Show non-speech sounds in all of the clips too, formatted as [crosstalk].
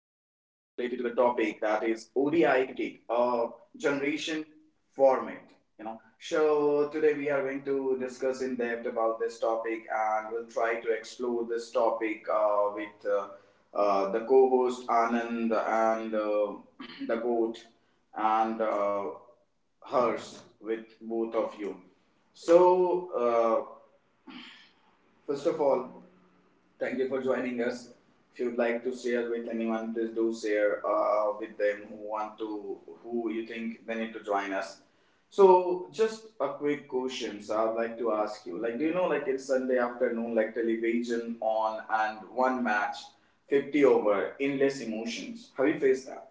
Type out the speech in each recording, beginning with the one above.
Is ODI cricket, generation format. So today we are going to discuss in depth about this topic, and we'll try to explore this topic with the co-host Anand and [clears throat] the goat and. Hers with both of you. So, uh, first of all, thank you for joining us. If you'd like to share with anyone, please do share with them who want to, who you think they need to join us. So, just a quick question, so I'd like to ask you. Like, do you know, like, it's Sunday afternoon, like, television on and one match, 50 over, endless emotions. Have you faced that?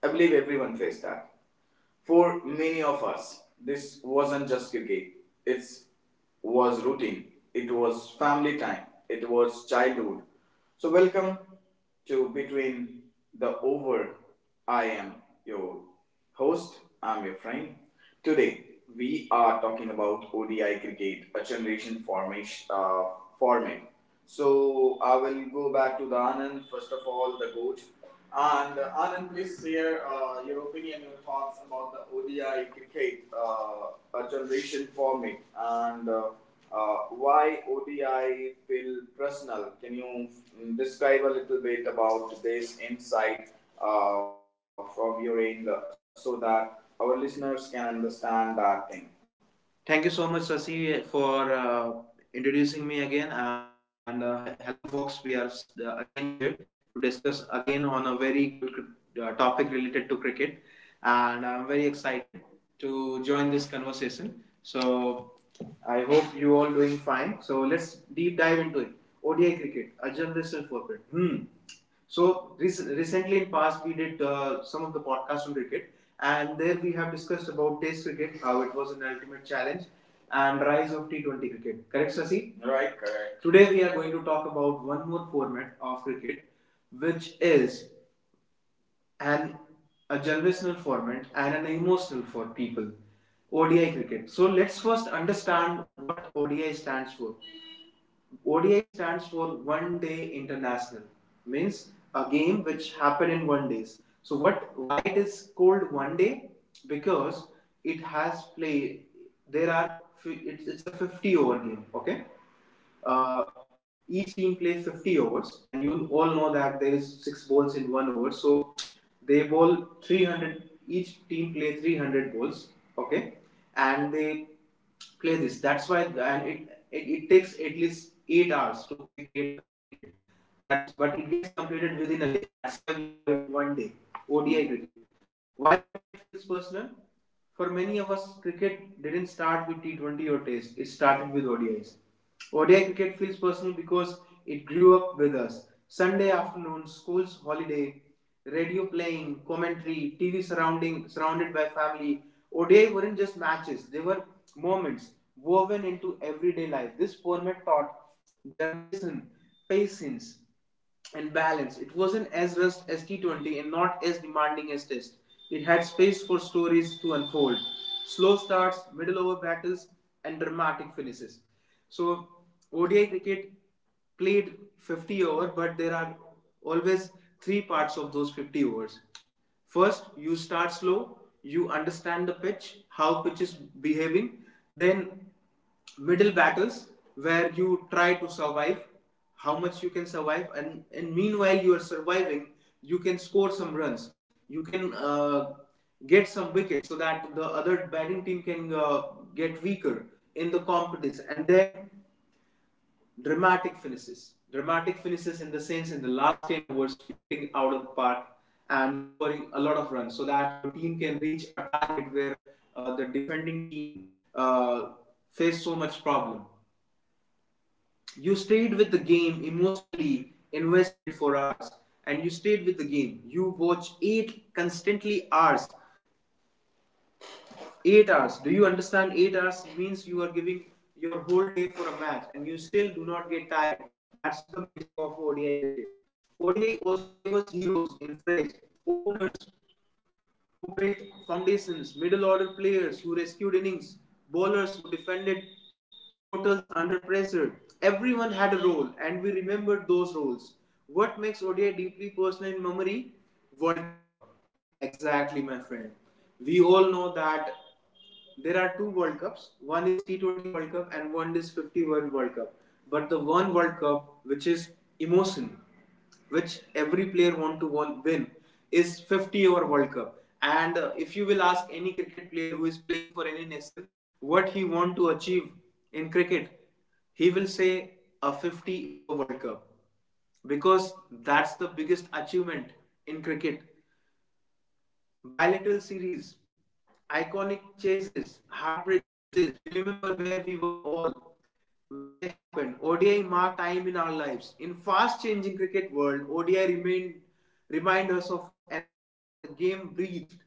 I believe everyone faced that. For many of us, this wasn't just cricket. It was routine. It was family time. It was childhood. So welcome to Between the Over. I am your host. I'm your friend. Today we are talking about ODI cricket, a generation formation format. So I will go back to the Anand first of all, the coach. And Anand, please share your opinion, your thoughts about the ODI cricket a generation forming and uh, why ODI feel personal. Can you describe a little bit about this insight from your end so that our listeners can understand that thing? Thank you so much, Sasi, for introducing me again. And hello, folks. We are again here to discuss again on a very good topic related to cricket. And I'm very excited to join this conversation. So I hope you all doing fine. So let's deep dive into it. ODI cricket, a generation footprint. Hmm. So in past we did some of the podcasts on cricket, and there we have discussed about Test cricket, how it was an ultimate challenge, and rise of T20 cricket. Correct, Sasi? Right, correct. Today we are going to talk about one more format of cricket, which is an a generational format and an emotional for people, ODI cricket. So let's first understand what ODI stands for. ODI stands for One Day International, means a game which happen in one days. So what? Why it is called one day? Because it has play. There are it's a 50 over game. Okay, uh, each team plays 50 overs, and you all know that there is six balls in one over. So they bowl 300. Each team play 300 balls. Okay, and they play this. That's why, and it takes at least 8 hours to be get completed. That's but it gets completed within a day. That's why we call it one day ODI cricket. Why ODI feels personal? For many of us, cricket didn't start with T20 or Test. It started with ODIs. ODI cricket feels personal because it grew up with us. Sunday afternoon, school's holiday, radio playing, commentary, TV surrounding surrounded by family. ODI weren't just matches; they were moments woven into everyday life. This format taught generation patience, and balanced. It wasn't as rushed as T20 and not as demanding as Test. It had space for stories to unfold. Slow starts, middle over battles, and dramatic finishes. So, ODI cricket played 50 over, but there are always three parts of those 50 overs. First, you start slow, you understand the pitch, how pitch is behaving, then middle battles where you try to survive how much you can survive, and meanwhile you are surviving you can score some runs, you can get some wickets so that the other batting team can get weaker in the competition, and then dramatic finishes in the sense in the last 10 overs you hitting out of the park and you scoring a lot of runs so that your team can reach a target where the defending team uh, face so much problem. You stayed with the game emotionally invested for hours, and you stayed with the game. You watch eight constantly hours 8 hours. Do you understand? 8 hours means you are giving your whole day for a match, and you still do not get tired. That's the magic of ODI cricket. ODI bowlers who defended totals under pressure. Everyone had a role, and we remembered those roles. What makes ODI deeply personal in memory? World Cup. Exactly, my friend. We all know that there are two World Cups. One is T20 World Cup and one is 51 World Cup. But the one World Cup, which is emotion, which every player want to win, is 50 over World Cup. And if you will ask any cricket player who is playing for any nation what he want to achieve in cricket, he will say a 50 over World Cup because that's the biggest achievement in cricket. Bilateral series, iconic chases, heartbreak loses. We remember where we were all when they happened. ODI marked time in our lives. In fast-changing cricket world, ODI remained remind us of an era where the game breathed,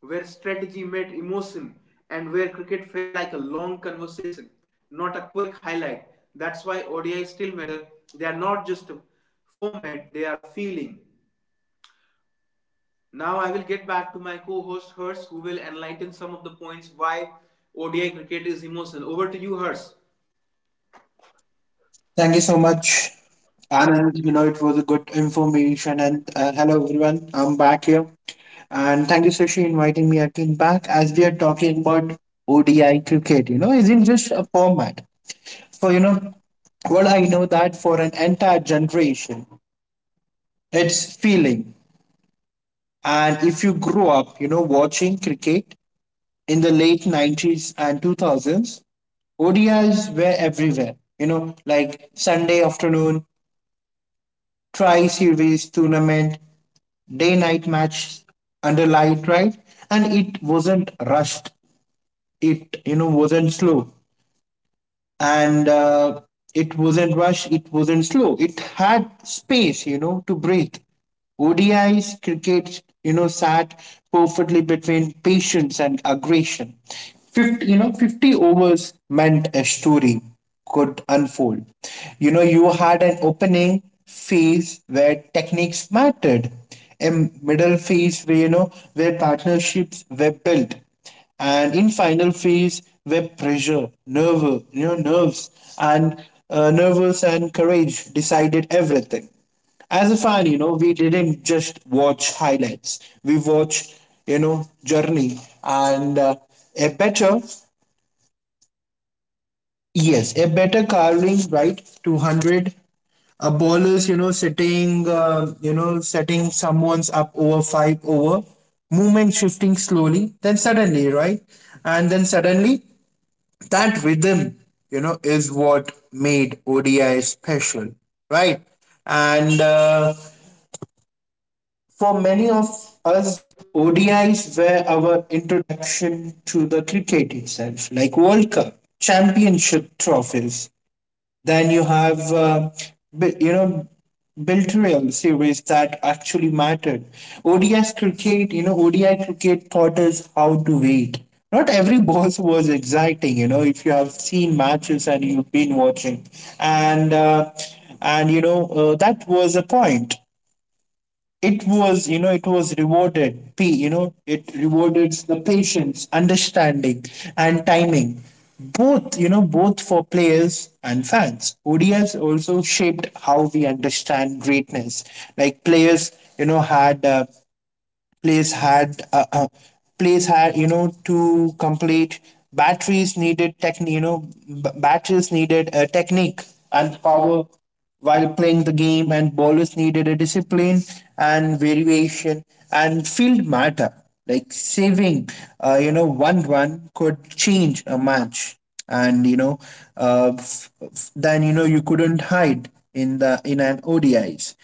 where strategy met emotion, and where cricket felt like a long conversation, not a quick highlight. That's why ODI still matter. They are not just a format; they are feeling. Now I will get back to my co-host Hers, who will enlighten some of the points why ODI cricket is emotional. Over to you, Hers. Thank you so much, Anand. It was a good information. And hello, everyone. I'm back here. And thank you, Sushi, inviting me again back as we are talking about ODI cricket. Isn't just a format. So, what I know that for an entire generation, it's feeling. And if you grew up, watching cricket in the late 90s and 2000s, ODIs were everywhere. Like Sunday afternoon, tri series tournament, day night match under light, right? And it wasn't rushed, it wasn't slow. And it wasn't rushed, it wasn't slow. It had space, to breathe. ODIs, cricket, sat perfectly between patience and aggression. 50 overs meant a story could unfold. You had an opening phase where techniques mattered, a middle phase where partnerships were built, and in final phase where pressure, nerve you know nerves and nervous and courage decided everything. As a fan, we didn't just watch highlights, we watched journey. And a better carving, right? 200 a bowler's setting someone's up over five over, movement shifting slowly, then suddenly, right? And then suddenly that rhythm, is what made ODI special, right? And for many of us, O D is were our introduction to the cricket itself, like World Cup, championship trophies. Then you have, bu- you know, Biltrial series that actually mattered. ODS cricket, ODI cricket taught us how to wait. Not every [laughs] ball was exciting, if you have seen matches and you've been watching. And, uh, and that was a point. It was you know it was rewarded p you know it rewarded the patience, understanding, and timing, both both for players and fans. ODI has also shaped how we understand greatness. Like players had, place had place had you know to complete batteries needed tech, batteries needed a technique and power while playing the game. And bowlers needed a discipline and variation, and field matter, like saving one run could change a match. And you know f- f- then you know you couldn't hide in the in an O D Is.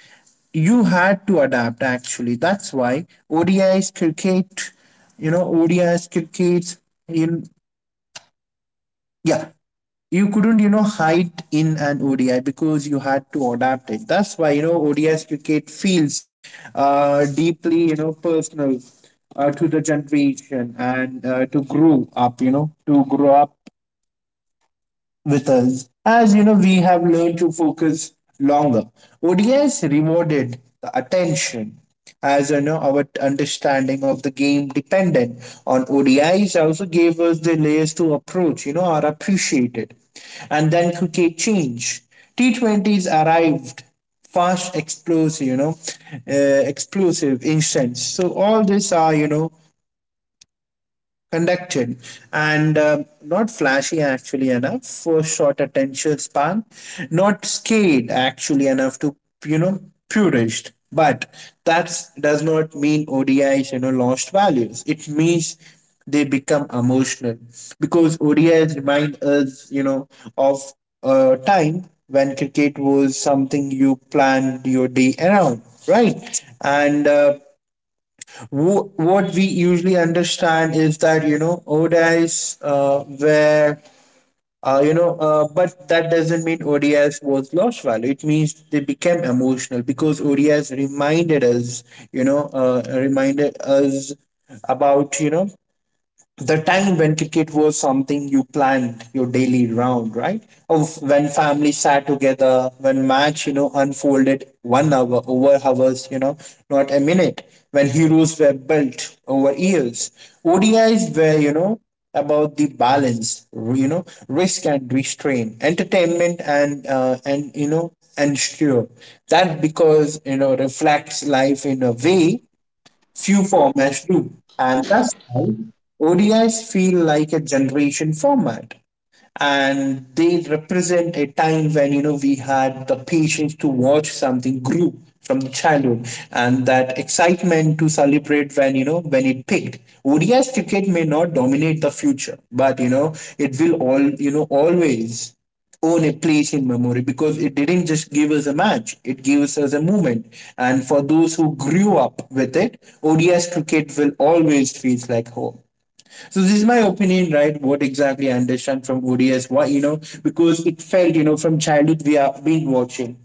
You had to adapt, actually. That's why O D is cricket, you know, O D is crickets in yeah, you couldn't hide in an ODI, because you had to adapt it. That's why ODIs cricket feels deeply, personal to the generation, and to grow up with us. As we have learned to focus longer, ODS rewarded the attention. As our understanding of the game dependent on ODIs also gave us the layers to approach, are appreciated. And then cricket changed. T20s arrived, fast, explosive, uh, explosive instance. So all these are conducted, and not flashy, actually, enough for short attention span, not scaled, actually, enough to you know purist. But that does not mean O D is lost values. It means they become emotional, because ODIs remind us of a time when cricket was something you planned your day around, right? And what we usually understand is that ODIs, where you know but that doesn't mean ODIs was lost value. It means they became emotional, because ODIs reminded us, reminded us about the time when cricket was something you planned your daily round, right? Of when family sat together, when match, unfolded 1 hour over hours, not a minute. When heroes were built over years. ODIs were, about the balance, risk and restraint, entertainment and and sure, that because reflects life in a way few formats do. And that's why ODIs feel like a generation format. And they represent a time when, we had the patience to watch something grow from the childhood, and that excitement to celebrate when, when it picked. ODIs cricket may not dominate the future, but, it will all, always own a place in memory, because it didn't just give us a match, it gives us a moment. And for those who grew up with it, ODI cricket will always feel like home. So this is my opinion, right? What exactly I understand from ODI? Why, because it felt, from childhood we have been watching.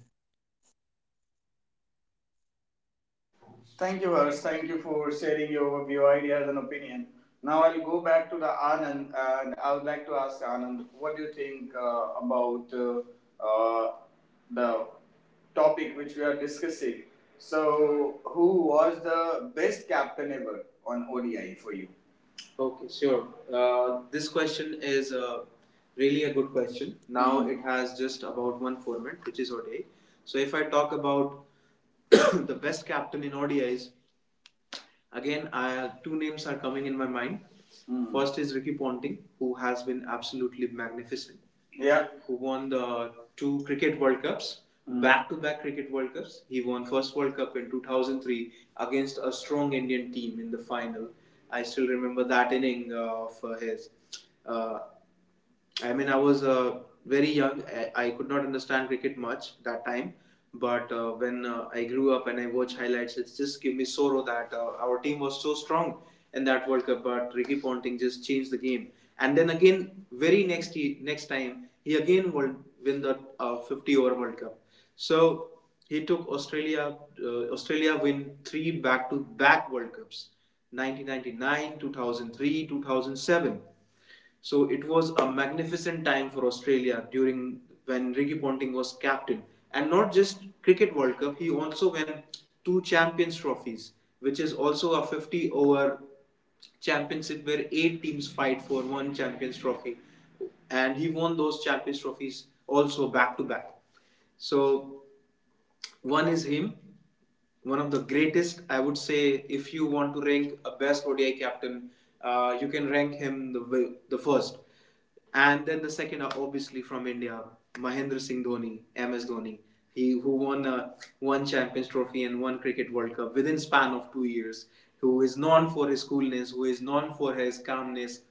Thank you, Harsh. Thank you for sharing your overview, ideas, and opinion. Now I'll go back to the Anand, and I would like to ask Anand, what do you think about uh, the topic which we are discussing? So, who was the best captain ever on ODI for you? Okay, sure. This question is really a good question. Now it has just about one format, which is ODI. So if I talk about [coughs] the best captain in O D is. Again, two names are coming in my mind. Hmm. First is Ricky Ponting, who has been absolutely magnificent, yeah, who won the two Cricket World Cups, back to back Cricket World Cups. He won first World Cup in 2003 against a strong Indian team in the final. I still remember that inning of his. Uh, I mean, I was very young. I could not understand cricket much that time. But when I grew up and I watch highlights, it just gave me sorrow that our team was so strong in that World Cup. But Ricky Ponting just changed the game. And then again, very next next time, he again will win the 50 over World Cup. So he took Australia. Australia win three back to back World Cups, 1999, 2003, 2007. So it was a magnificent time for Australia during when Ricky Ponting was captain, and not just cricket World Cup. He also won two Champions Trophies, which is also a 50 over championship where eight teams fight for one Champions Trophy, and he won those Champions Trophies also back to back. So one is him, one of the greatest. I would say, if you want to rank a best ODI captain, you can rank him the first, and then the second are obviously from India, Mahendra Singh Dhoni, MS Dhoni. He who won one Champions Trophy and one Cricket World Cup within span of 2 years. Who is known for his coolness? Who is known for his calmness?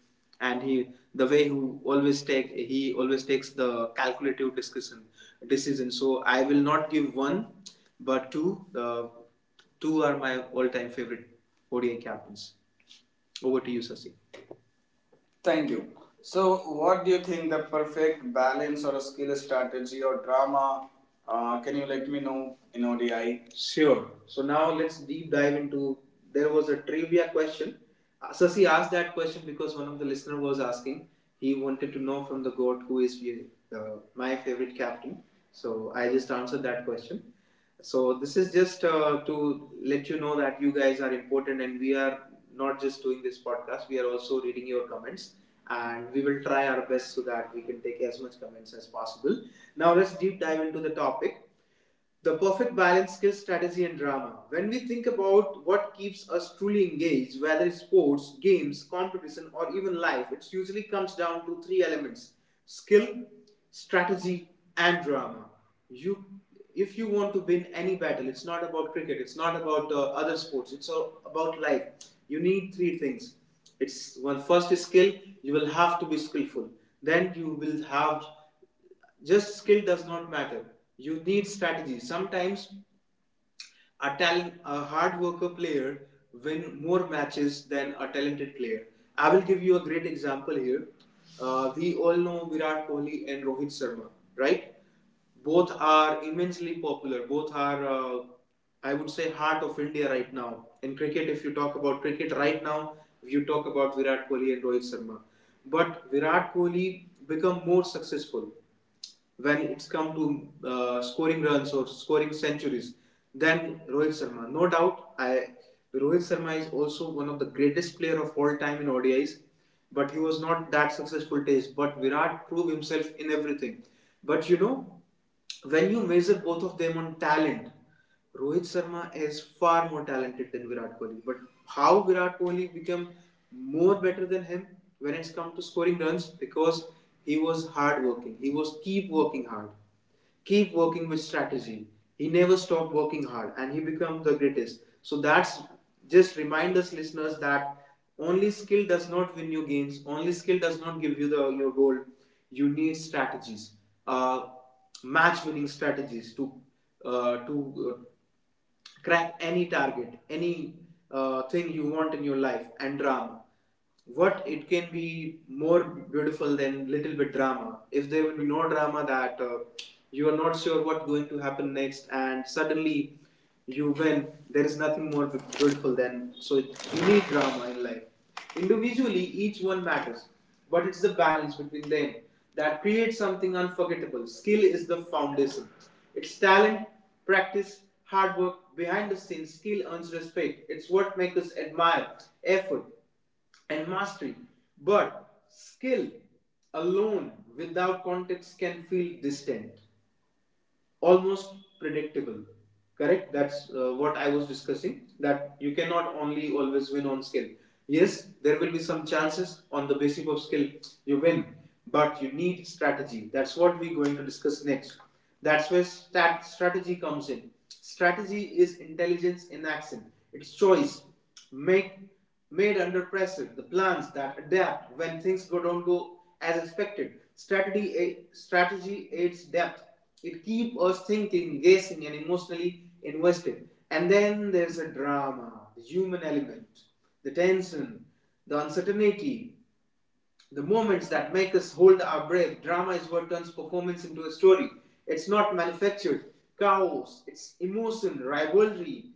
And he, the way, who always take he always takes the calculative discussion decision. So I will not give one, but two. Uh, two are my all-time favorite ODI captains. Over to you, Sasi. Thank you. So, what do you think the perfect balance or a skill strategy or drama? Can you let me know in ODI? Sure. So now let's deep dive into. There was a trivia question. Sasi asked that question because one of the listener was asking. He wanted to know from the goat who is uh, my favorite captain. So I just answered that question. So this is just to let you know that you guys are important, and we are not just doing this podcast. We are also reading your comments, and we will try our best so that we can take as much comments as possible. Now let's deep dive into the topic. The perfect balance, skill, strategy, and drama. When we think about what keeps us truly engaged, whether it's sports, games, competition, or even life, it usually comes down to three elements: skill, strategy, and drama. You, if you want to win any battle, it's not about cricket, it's not about other sports, it's all about life. You need three things. It's one first is skill, you will have to be skillful. Then you will have just skill does not matter. You need strategy. Sometimes a hard worker player win more matches than a talented player. I will give you a great example here. We all know Virat Kohli and Rohit Sharma, right? Both are immensely popular. Both are, I would say, heart of India right now. In cricket, if you talk about cricket right now, you talk about Virat Kohli and Rohit Sharma. But Virat Kohli become more successful when it's come to scoring runs or scoring centuries than Rohit Sharma. No doubt, I Rohit Sharma is also one of the greatest player of all time in ODIs, but he was not that successful taste. But Virat proved himself in everything. But you know, when you measure both of them on talent, Rohit Sharma is far more talented than Virat Kohli. But how Virat Kohli become more better than him when it's come to scoring runs because he was hard working. He was keep working with strategy. He never stopped working hard and he became the greatest. So that's just remind us listeners that only skill does not win you games, only skill does not give you the your goal. You need strategies. Uh, match winning strategies to uh, to uh, crack any target, any thing you want in your life. And drama, what it can be more beautiful than little bit drama? If there will be no drama, that you are not sure what going to happen next and suddenly you win, there is nothing more beautiful than. So you need drama in life. Individually each one matters, but it's the balance between them that creates something unforgettable. Skill is the foundation. It's talent, practice, hard work, behind the scenes. Skill earns respect. It's what makes us admire effort and mastery. But skill alone without context can feel distant, almost predictable. Correct, that's what I was discussing, that you cannot only always win on skill. Yes, there will be some chances on the basis of skill you win, but you need strategy. That's what we're going to discuss next. That's where strategy comes in. Strategy is intelligence in action. It's choice make made under pressure, the plans that adapt when things don't go as expected. Strategy aids depth. It keeps us thinking, guessing, and emotionally invested. And then there's a drama, the human element, the tension, the uncertainty, the moments that make us hold our breath. Drama is what turns performance into a story. It's not manufactured chaos, it's emotion, rivalry,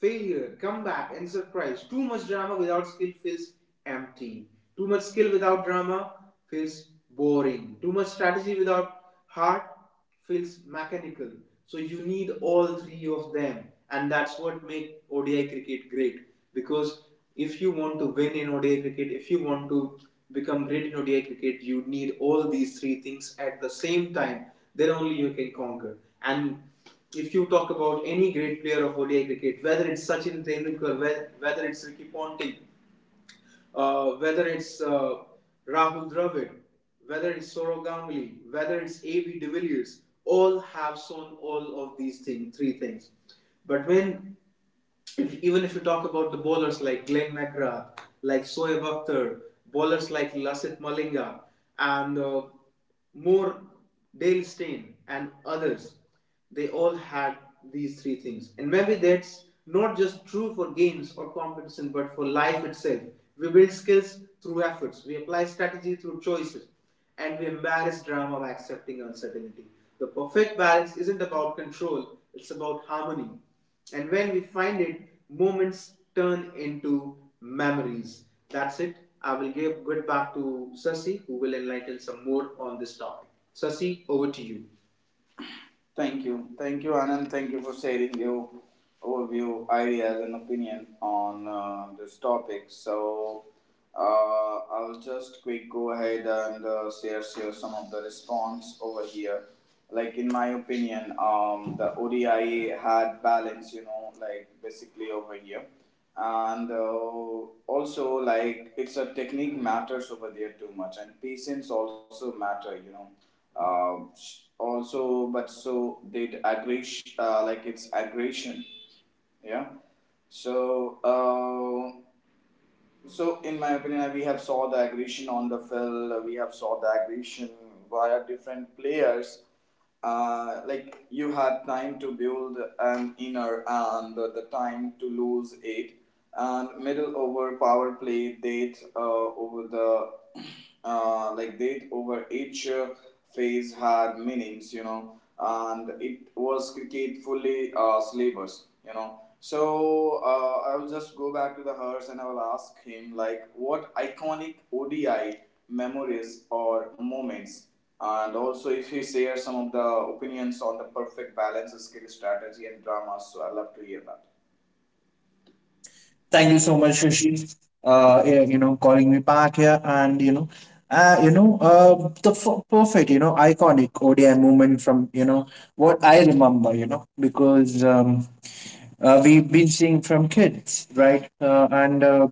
failure, comeback, and surprise. Too much drama without skill feels empty. Too much skill without drama feels boring. Too much strategy without heart feels mechanical. So you need all three of them, and that's what make ODI cricket great. Because if you want to win in ODI cricket, if you want to become great in ODI cricket, you need all these three things at the same time. Then only you can conquer. And if you talk about any great player of ODI cricket, whether it's Sachin Tendulkar, whether it's Ricky Ponting, whether it's Rahul Dravid, whether it's Sourav Ganguly, whether it's A.B. de Villiers, all have shown all of these things, three things. But when, if, even if you talk about the bowlers like Glenn McGrath, like Soeb Akhtar, bowlers like Lasith Malinga, and Moore, Dale Steyn, and others, they all had these three things. And maybe that's not just true for games or competition, but for life itself. We build skills through efforts, we apply strategy through choices, and we embrace drama by accepting uncertainty. The perfect balance isn't about control, it's about harmony. And when we find it, moments turn into memories. That's it. I will get back to Sasi, who will enlighten some more on this topic. Sasi, over to you. Thank you. Thank you, Anand. Thank you for sharing your overview, ideas, and opinion on this topic. So, I'll just quick go ahead and share some of the response over here. Like, in my opinion, the ODI had balance, you know, like basically over here. And also, like, it's a technique matters over there too much, and patience also matter, you know, um, also, but so did aggression, like it's aggression. Yeah. So, in my opinion, we have saw the aggression on the field. We have saw the aggression via different players, like you had time to build an inner and the time to lose it, and middle over, power play date, over the [clears throat] like date, over each phase had meanings, you know, and it was cricket fully slavers, you know. So I'll just go back to the Hearse and I will ask him like what iconic ODI memories or moments, and also, if he shares some of the opinions on the perfect balance, skill, strategy, and drama, so I love to hear that. Thank you so much, Shashi. Yeah, calling me back here, and perfect, iconic ODI moment from what I remember, because we've been seeing from kids, right? And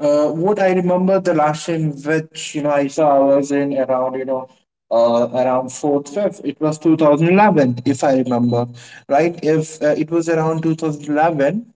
what I remember, the last time which I saw, I was in around around fourth fifth. It was 2011, if I remember right, if it was around 2011.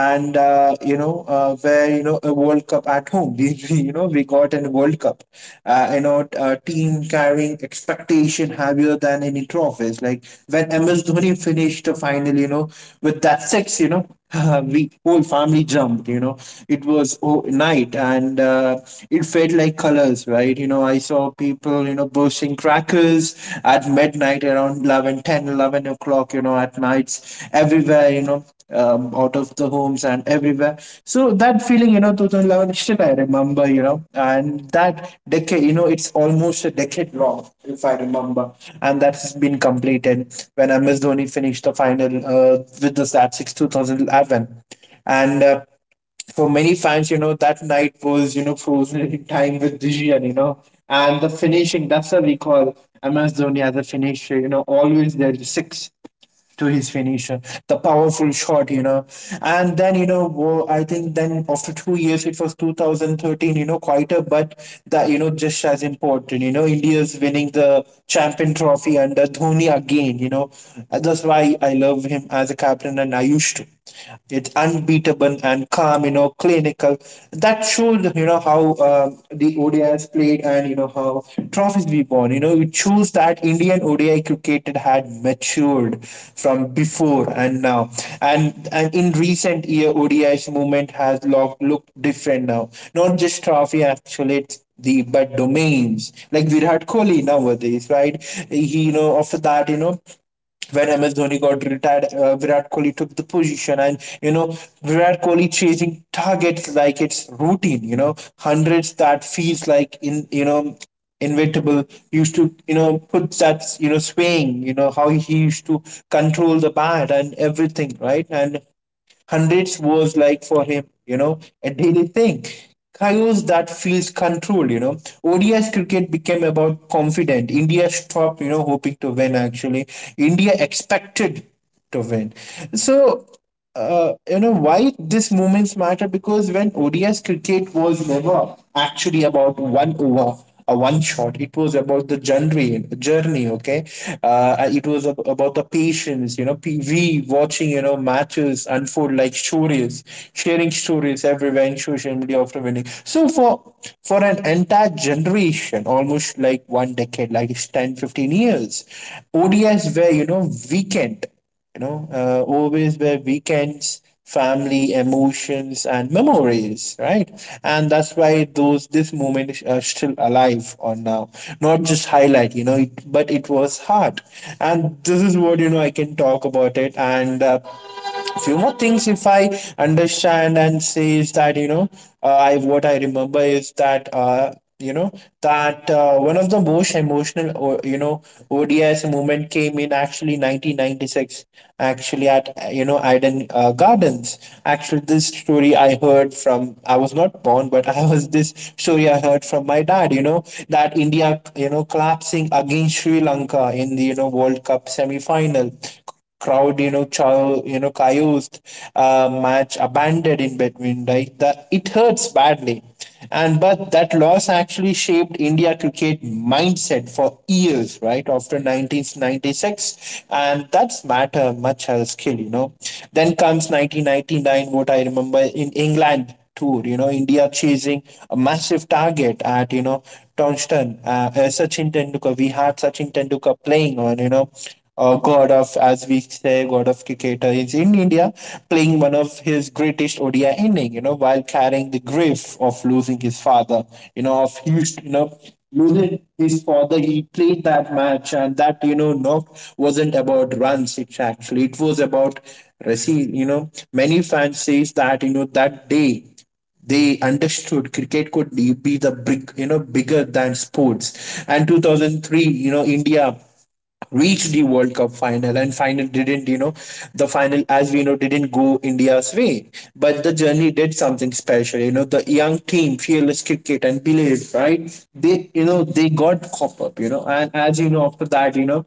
And where a World Cup at home. We, [laughs] we you know we got a World Cup, a team carrying expectation heavier than any trophies. Like when MS Dhoni finished the final, with that six, [laughs] We whole family jumped, It was, oh, night, and it felt like colors, right? I saw people, bursting cracks crackers at midnight, around 11:10, 11 o'clock, at nights, everywhere, out of the homes and everywhere. So that feeling, 2011, still I remember, and that decade, it's almost a decade long, if I remember. And that's been completed when MS Dhoni finished the final, with the sat 6, 2011. And for many fans, that night was, frozen in time with Dijian, And the finishing, that's a recall. MS Dhoni as a finisher, always there, the six to his finisher, the powerful shot, And then, I think then after 2 years, it was 2013, quieter, but that, just as important, India's winning the champion trophy under Dhoni again, That's why I love him as a captain, and I used to. It's unbeatable and calm, clinical. That showed, know how, the ODIs played, and how trophies we won. You choose that Indian ODI cricket had matured from before and now. And in recent year, ODI's movement has looked different now. Not just trophy, actually, it's the but domains like Virat Kohli nowadays, right? He, after that, when MS Dhoni got retired, Virat Kohli took the position, and Virat Kohli chasing targets like it's routine. Hundreds that feels like in you know inevitable. He used to put that swing. You know how he used to control the bat and everything, right? And hundreds was like for him, a daily thing. Chaos that feels controlled, ODI cricket became about confident. India stopped, hoping to win, actually. India expected to win. So why this moments matter? Because when ODS cricket was never actually about one over, a one shot, it was about the journey, journey, okay? It was about the patience. We watching matches unfold like stories, sharing stories everywhere in social media after winning. So for an entire generation, almost like one decade, like it's 10 15 years, ODIs were weekend, always where weekends, family, emotions, and memories, right? And that's why those this moment is are still alive on now, not just highlight, it, but it was hard, and this is what I can talk about it and. Few more things if I understand and say is that I what I remember is that, that one of the most emotional or ODIs moment came in, actually, 1996, actually at, Eden, Gardens. Actually this story I heard from, I was not born, but [laughs] I was, this story I heard from my dad, that India collapsing against Sri Lanka in the World Cup semi final, crowd you know chow you know chaos. Match abandoned in between, right? That it hurts badly. And but that loss actually shaped India cricket mindset for years, right? After 1996, and that's matter much as skill, you know. Then comes 1999. What I remember, in England tour, you know, India chasing a massive target at townston sachin tendulkar, we had sachin tendulkar playing, on you know god of, as we say, god of cricketer is in India, playing one of his greatest ODI inning, you know, while carrying the grief of losing his father, you know, of huge, you know, losing his father. He played that match, and that, you know, knock wasn't about runs. It's actually, it was about, you know, many fans says that, you know, that day they understood cricket could be the bigger than sports. And 2003, you know, India reached the World Cup final, and final didn't, you know, the final as we know didn't go India's way. But the journey did something special. You know, the young team, fearless cricket and believed, right? They, you know, they got cop up, you know. And as you know, after that, you know,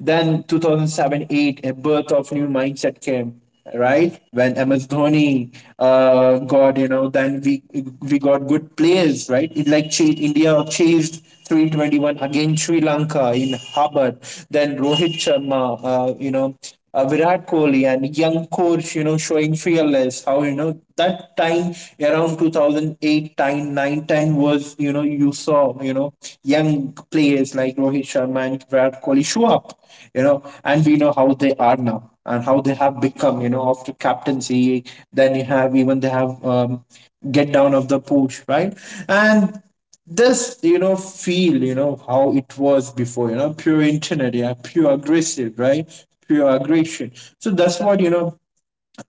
then 2007 8, a birth of new mindset came, right? When MS Dhoni got, you know, then we got good players, right? It like chased, India chased 321 against Sri Lanka in Harbour. Then Rohit Sharma, you know, Virat Kohli and young coach, you know, showing fearless. How, you know, that time around 2008, time 9 10 was, you know, you saw, you know, young players like Rohit Sharma and Virat Kohli show up, you know, and we know how they are now and how they have become, you know, after captaincy. Then you have, even they have get down of the push, right? And this, you know, feel, you know, how it was before, you know, pure internet, yeah, pure aggressive, right? Pure aggression. So that's what, you know,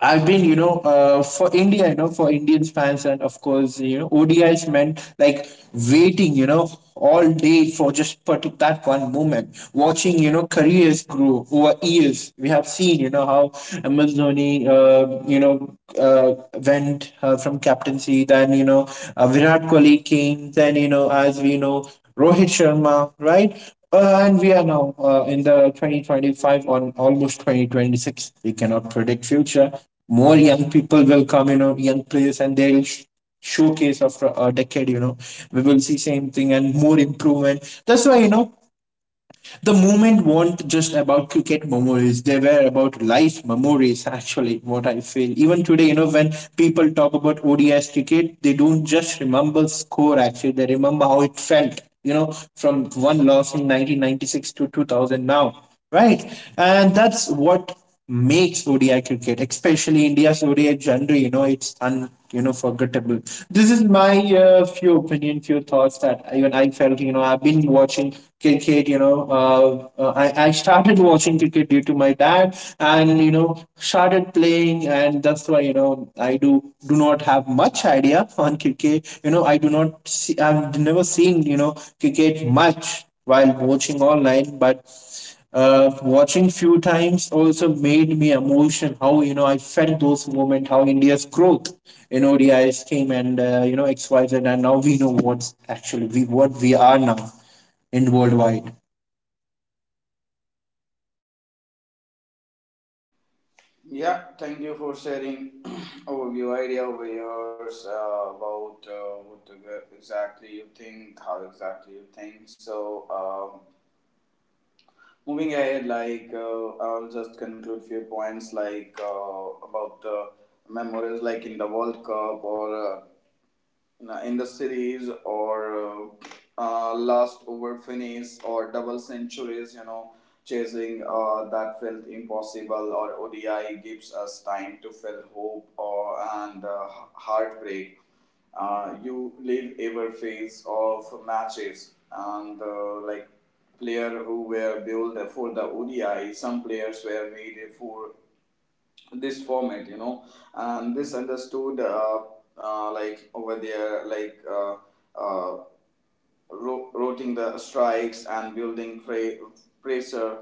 I've been, you know, for India, you know, for Indian fans, and of course, you know, ODIs meant like waiting, you know, all day for just that one moment, watching, you know, careers grow over years. We have seen, you know, how MS Dhoni, you know, uh, went from captaincy, then, you know, Virat Kohli came, then, you know, as we know, Rohit Sharma, right? And we are now in the 2025 on almost 2026. We cannot predict future. More young people will come, you know, young players, and they'll showcase after a decade. You know, we will see same thing and more improvement. That's why, you know, the moment weren't just about cricket memories, they were about life memories. Actually, what I feel even today, you know, when people talk about ODIs cricket, they don't just remember score, actually they remember how it felt, you know, from one loss in 1996 to 2000 now, right? And that's what makes ODI cricket, especially India's ODI genre, you know, it's un, you know, forgettable. This is my few opinion, few thoughts that even I felt. You know, I've been watching cricket. You know, I started watching cricket due to my dad, and you know, started playing, and that's why, you know, I do not have much idea [laughs] on cricket. You know, I do not see. I've never seen, you know, cricket much while watching online, but watching few times also made me emotion how, you know, I felt those moments, how India's growth in ODIs came, and you know, xyz, and now we know what's actually we what we are now in worldwide Yeah, thank you for sharing [clears throat] overview idea over yours about what exactly you think, how exactly you think. So, um, moving ahead, like I'll just conclude few points like about the memories, like in the World Cup or in the series or uh, last over finish or double centuries, you know, chasing that felt impossible. Or ODI gives us time to feel hope or and heartbreak. You live every phase of matches, and like player who were built for the ODI, some players were made for this format, you know, and this understood like over there, like uh, routing the strikes and building pressure.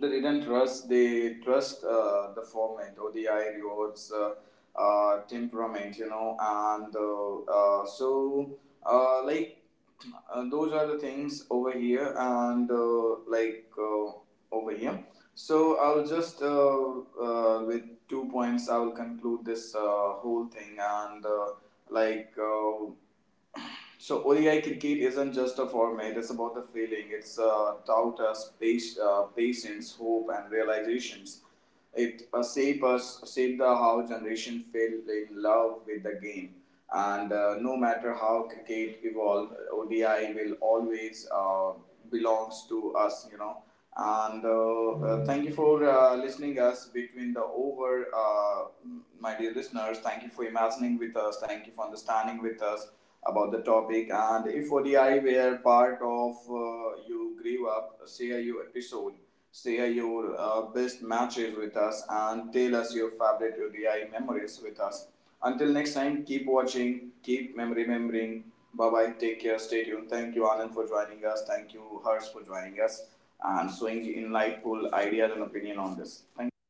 They didn't trust. They trust the format. ODI rewards temperament, you know, and so like those are the things over here, and like over here. So I'll just with 2 points I will conclude this whole thing and like. [coughs] So ODI cricket isn't just a format; it's about the feeling. It's taught us patience, hope, and realizations. It shaped us, saved the how generation fell in love with the game. And no matter how cricket evolved, ODI will always belongs to us, you know. And thank you for listening us between the over, my dear listeners. Thank you for imagining with us. Thank you for understanding with us about the topic. And if ODI were part of you grew up, share your episode. Share your best matches with us and tell us your favorite ODI memories with us. Until next time, keep watching, remembering. Bye bye. Take care. Stay tuned. Thank you, Anand, for joining us. Thank you, Harsh, for joining us and showing insightful ideas and opinion on this. Thank you.